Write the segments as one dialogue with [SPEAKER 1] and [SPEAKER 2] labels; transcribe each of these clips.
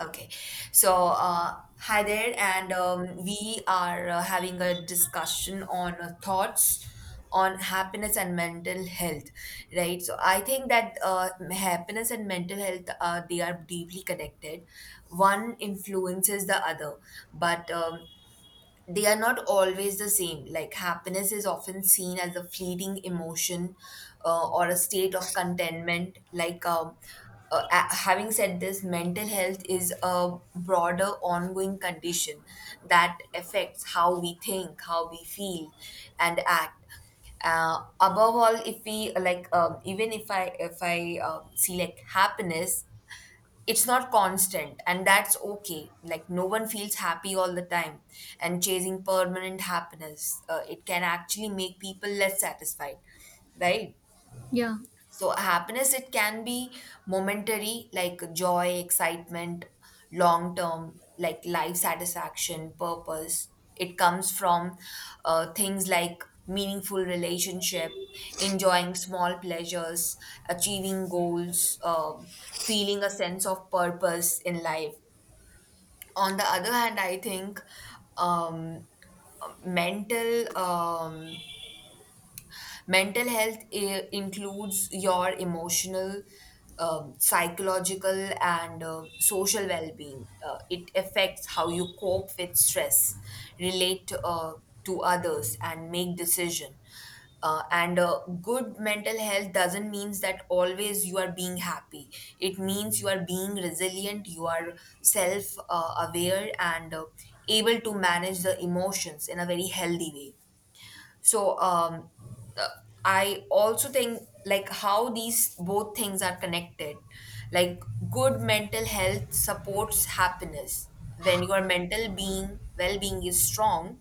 [SPEAKER 1] Okay. So, hi there, and we are having a discussion on thoughts on happiness and mental health, right? So, I think that happiness and mental health they are deeply connected. One influences the other, but they are not always the same. Like happiness is often seen as a fleeting emotion or a state of contentment. Having said this, mental health is a broader, ongoing condition that affects how we think, how we feel, and act. Above all, if we like, even if I see like happiness. It's not constant and that's okay, like no one feels happy all the time, and chasing permanent happiness it can actually make people less satisfied, right?
[SPEAKER 2] Yeah,
[SPEAKER 1] So happiness, it can be momentary, like joy, excitement, long term, like life satisfaction, purpose. It comes from things like meaningful relationship, enjoying small pleasures, achieving goals, feeling a sense of purpose in life. On the other hand, I think um, mental um, mental health includes your emotional, psychological, and social well being. It affects how you cope with stress, relate to others, and make decision. And Good mental health doesn't means that always you are being happy, it means you are being resilient, you are self aware and able to manage the emotions in a very healthy way. so um, uh, I also think like how these both things are connected. Like good mental health supports happiness. When your mental being well-being is strong,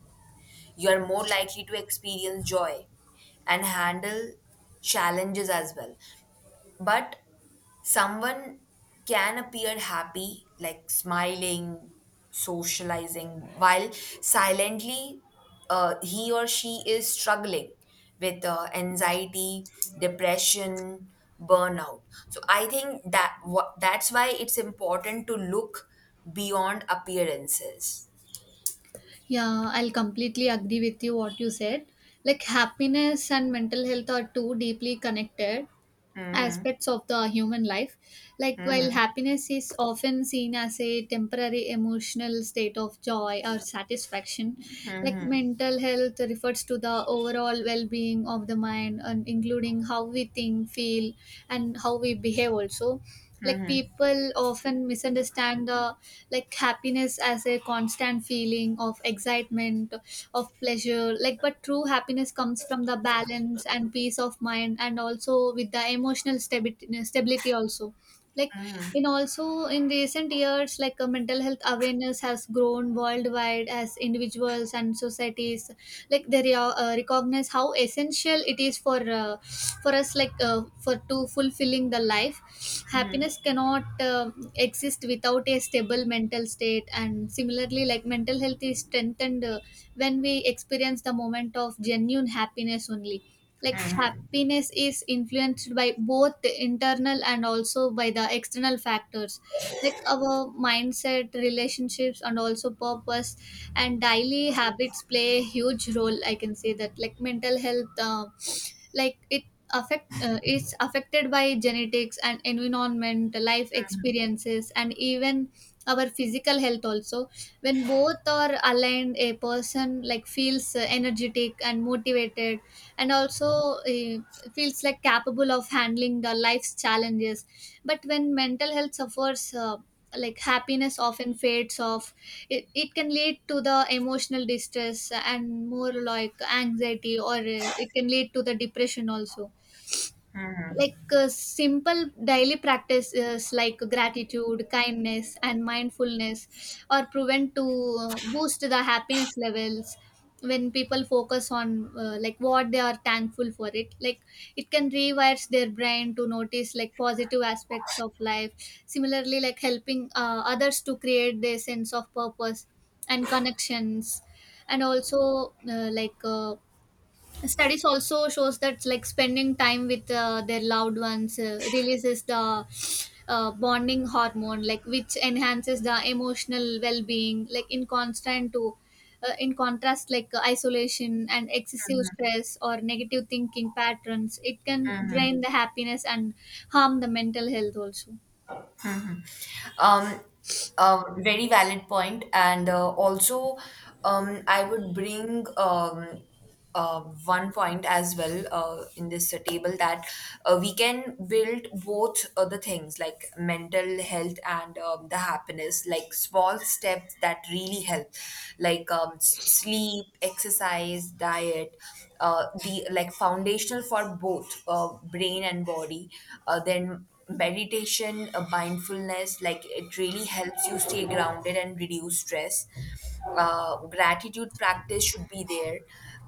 [SPEAKER 1] you are more likely to experience joy and handle challenges as well. But someone can appear happy, like smiling, socializing, while silently he or she is struggling with anxiety, depression, burnout. So I think that that's why it's important to look beyond appearances.
[SPEAKER 2] yeah, I'll completely agree with you what you said. Like happiness and mental health are two deeply connected
[SPEAKER 1] Hmm.
[SPEAKER 2] aspects of the human life. Like while happiness is often seen as a temporary emotional state of joy or satisfaction, like mental health refers to the overall well-being of the mind and including how we think, feel, and how we behave also. Like people often misunderstand the like happiness as a constant feeling of excitement of pleasure, like but true happiness comes from the balance and peace of mind and also with the emotional stability also. Like in also in recent years, like mental health awareness has grown worldwide as individuals and societies like they recognize how essential it is for us, like for to fulfilling the life. Happiness cannot exist without a stable mental state, and similarly like mental health is strengthened when we experience the moment of genuine happiness only. Like happiness is influenced by both the internal and also by the external factors, like our mindset, relationships and also purpose and daily habits play a huge role, I can say that. Like mental health like it affect it's affected by genetics and environment, life experiences and even our physical health also. When both are aligned, a person like feels energetic and motivated and also feels like capable of handling the life's challenges. But when mental health suffers, like happiness often fades off. It can lead to the emotional distress and more like anxiety, or it can lead to the depression also. Like simple daily practices like gratitude, kindness and mindfulness are proven to boost the happiness levels. When people focus on like what they are thankful for it, like it can rewires their brain to notice like positive aspects of life. Similarly, like helping others to create their sense of purpose and connections and also Studies also shows that like spending time with their loved ones releases the bonding hormone, like which enhances the emotional well-being. In contrast, like isolation and excessive stress or negative thinking patterns, it can drain the happiness and harm the mental health also.
[SPEAKER 1] Um, Very valid point, and also I would bring one point as well in this table that we can build both the things like mental health and the happiness, like small steps that really help, like sleep, exercise, diet. The like foundational for both brain and body, then meditation, mindfulness, like it really helps you stay grounded and reduce stress. Gratitude practice should be there,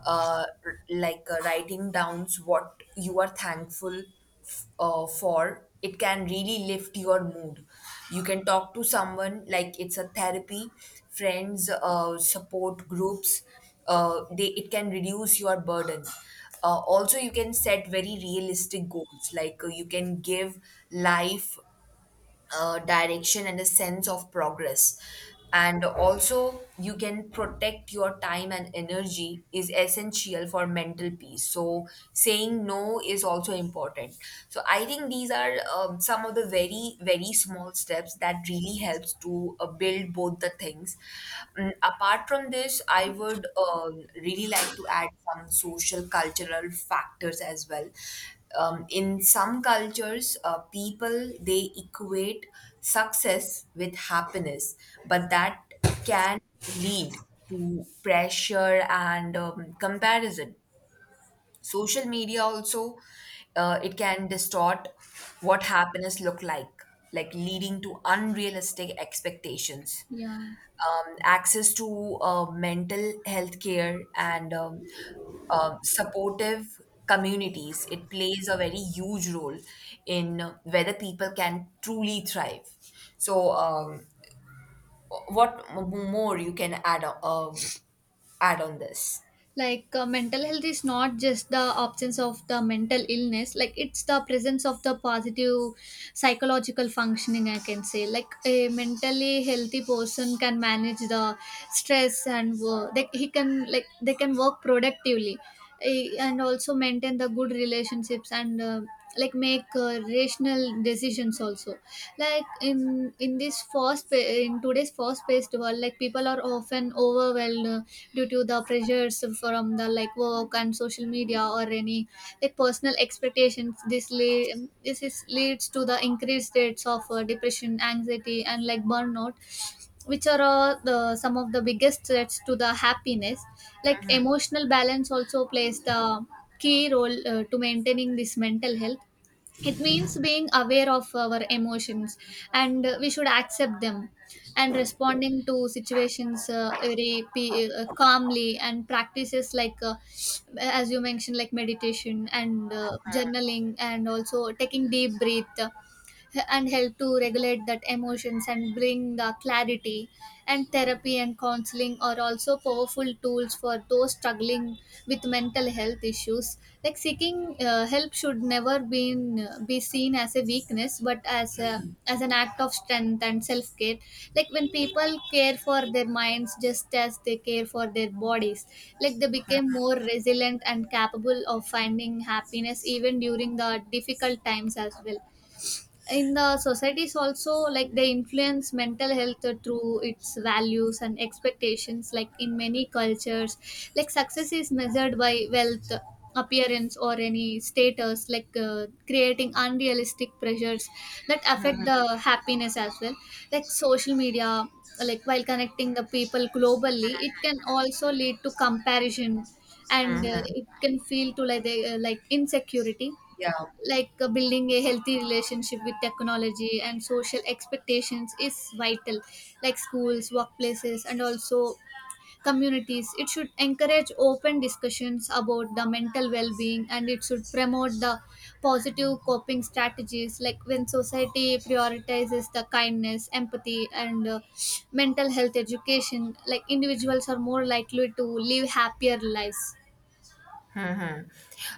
[SPEAKER 1] writing down what you are thankful for. It can really lift your mood. You can talk to someone like it's a therapy, friends, support groups. They It can reduce your burden. Uh, also, you can set very realistic goals, like you can give life direction and a sense of progress. And also, you can protect your time and energy is essential for mental peace. So, saying no is also important. So, I think these are some of the very, very small steps that really helps to build both the things. Mm, apart from this, I would really like to add some social cultural factors as well. In some cultures people they equate success with happiness, but that can lead to pressure and comparison. Social media also, it can distort what happiness look like leading to unrealistic expectations.
[SPEAKER 2] Yeah.
[SPEAKER 1] Access to mental health care and supportive communities. It plays a very huge role in whether people can truly thrive. So, what more you can add add on this?
[SPEAKER 2] Like mental health is not just the absence of the mental illness, like it's the presence of the positive psychological functioning, I can say. Like a mentally healthy person can manage the stress and work they can work productively, eh, and also maintain the good relationships and like make rational decisions also. Like in today's fast paced world, like people are often overwhelmed due to the pressures from the like work and social media or any like personal expectations. This is leads to the increased rates of depression, anxiety and like burnout, which are the some of the biggest threats to the happiness. Like emotional balance also plays the key role to maintaining this mental health. It means being aware of our emotions and we should accept them and responding to situations calmly, and practices like as you mentioned like meditation and journaling and also taking deep breath and help to regulate that emotions and bring the clarity. And therapy and counseling are also powerful tools for those struggling with mental health issues. Like seeking help should never been be seen as a weakness but as a as an act of strength and self care. Like when people care for their minds just as they care for their bodies, like they became more resilient and capable of finding happiness even during the difficult times as well. In the societies also, like they influence mental health through its values and expectations. Like in many cultures, like success is measured by wealth, appearance or any status, like creating unrealistic pressures that affect the happiness as well. Like social media, like while connecting the people globally, it can also lead to comparison, and it can feel to like insecurity.
[SPEAKER 1] Yeah.
[SPEAKER 2] Like building a healthy relationship with technology and social expectations is vital. Like schools, workplaces and also communities, it should encourage open discussions about the mental well-being, and it should promote the positive coping strategies. Like when society prioritizes the kindness, empathy and mental health education, like individuals are more likely to live happier lives.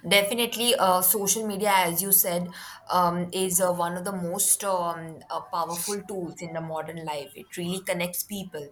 [SPEAKER 1] Definitely, social media, as you said, is one of the most powerful tools in the modern life. It really connects people.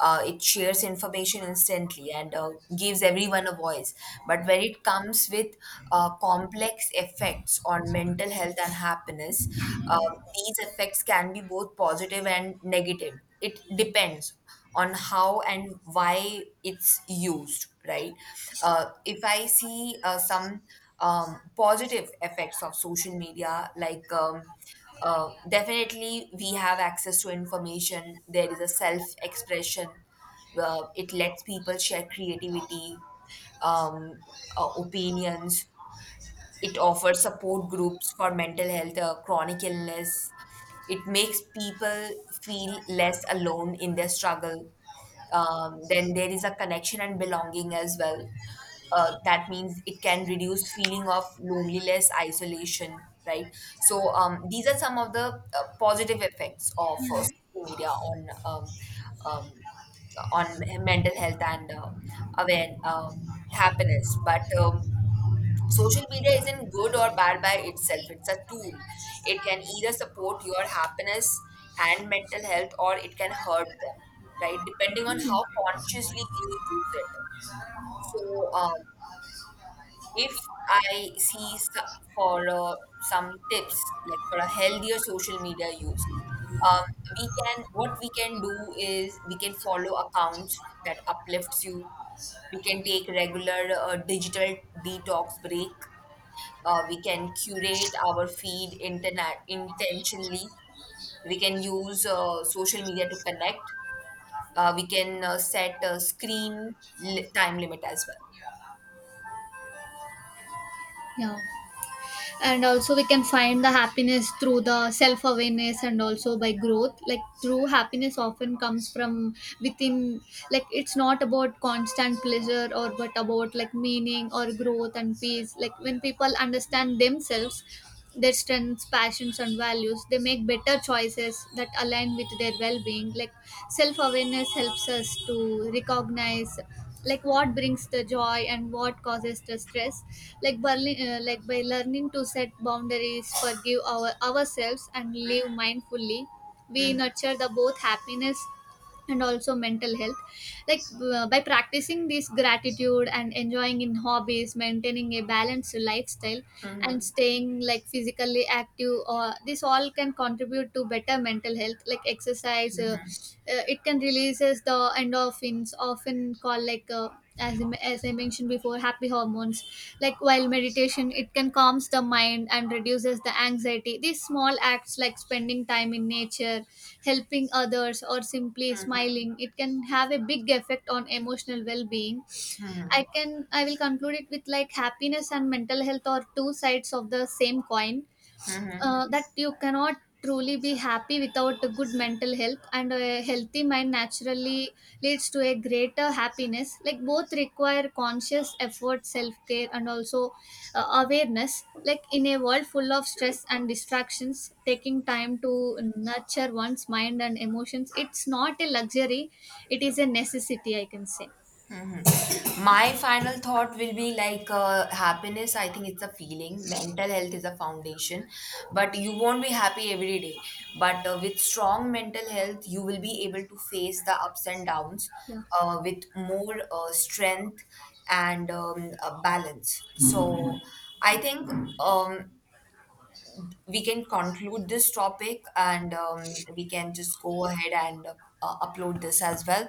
[SPEAKER 1] It shares information instantly and gives everyone a voice. But when it comes with complex effects on mental health and happiness, uh, these effects can be both positive and negative. It depends on how and why it's used, right? If I see some positive effects of social media, like definitely we have access to information, there is a self expression, it lets people share creativity, um, opinions. It offers support groups for mental health, chronic illness. It makes people feel less alone in their struggle. Then there is a connection and belonging as well. That means it can reduce feeling of loneliness, isolation, right? So these are some of the positive effects of social media um, on mental health and aware happiness. But social media isn't good or bad by itself, it's a tool. It can either support your happiness and mental health or it can hurt them, right, depending on how consciously you use it. So, um, if i see so- for some tips, like for a healthier social media use, um, we can, what we can do is, we can follow accounts that uplifts you. We can take regular digital detox break. Uh, we can curate our feed internet intentionally. We can use social media to connect. We can set a screen time limit as
[SPEAKER 2] Yeah. Yeah. And also we can find the happiness through the self awareness and also by growth. Like true happiness often comes from within. Like it's not about constant pleasure or but about like meaning or growth and peace. Like when people understand themselves, their strengths, passions and values, they make better choices that align with their well-being. Like self-awareness helps us to recognize like what brings the joy and what causes the stress. Like like by learning to set boundaries, forgive our ourselves and live mindfully, we
[SPEAKER 1] well.
[SPEAKER 2] nurture the both happiness and also mental health. Like by practicing this gratitude and enjoying in hobbies, maintaining a balanced lifestyle and
[SPEAKER 1] Hmm.
[SPEAKER 2] staying like physically active, or this all can contribute to better mental health. Like exercise
[SPEAKER 1] Hmm.
[SPEAKER 2] it can releases the endorphins, often called like as I mentioned before, happy hormones. Like while meditation, it can calms the mind and reduces the anxiety. These small acts like spending time in nature, helping others or simply smiling, it can have a big effect on emotional well-being.
[SPEAKER 1] Hmm.
[SPEAKER 2] I will conclude it with like happiness and mental health are two sides of the same coin.
[SPEAKER 1] Hmm.
[SPEAKER 2] That you cannot truly be happy without a good mental health, and a healthy mind naturally leads to a greater happiness. Like both require conscious effort, self-care and also awareness. Like in a world full of stress and distractions, taking time to nurture one's mind and emotions, it's not a luxury, it is a necessity, I can say.
[SPEAKER 1] My final thought will be like happiness. I think it's a feeling. Mental health is a foundation, but you won't be happy every day. But with strong mental health, you will be able to face the ups and downs
[SPEAKER 2] Yeah.
[SPEAKER 1] with more strength and balance. So I think um, we can conclude this topic and we can just go ahead and upload this as well.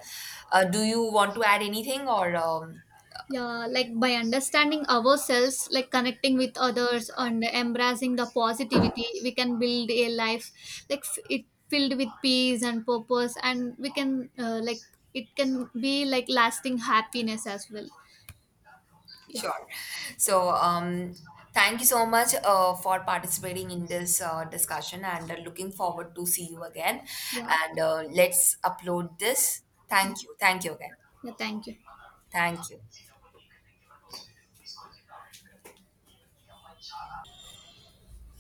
[SPEAKER 1] Do you want to add anything or?
[SPEAKER 2] Yeah, like by understanding ourselves, like connecting with others and embracing the positivity, we can build a life like f- it filled with peace and purpose, and we can like it can be like lasting happiness as well. Yeah,
[SPEAKER 1] Sure. So, thank you so much for participating in this discussion and looking forward to see you again.
[SPEAKER 2] yeah,
[SPEAKER 1] And let's upload this. Thank you. Thank you again.
[SPEAKER 2] yeah. Thank you.
[SPEAKER 1] Thank you.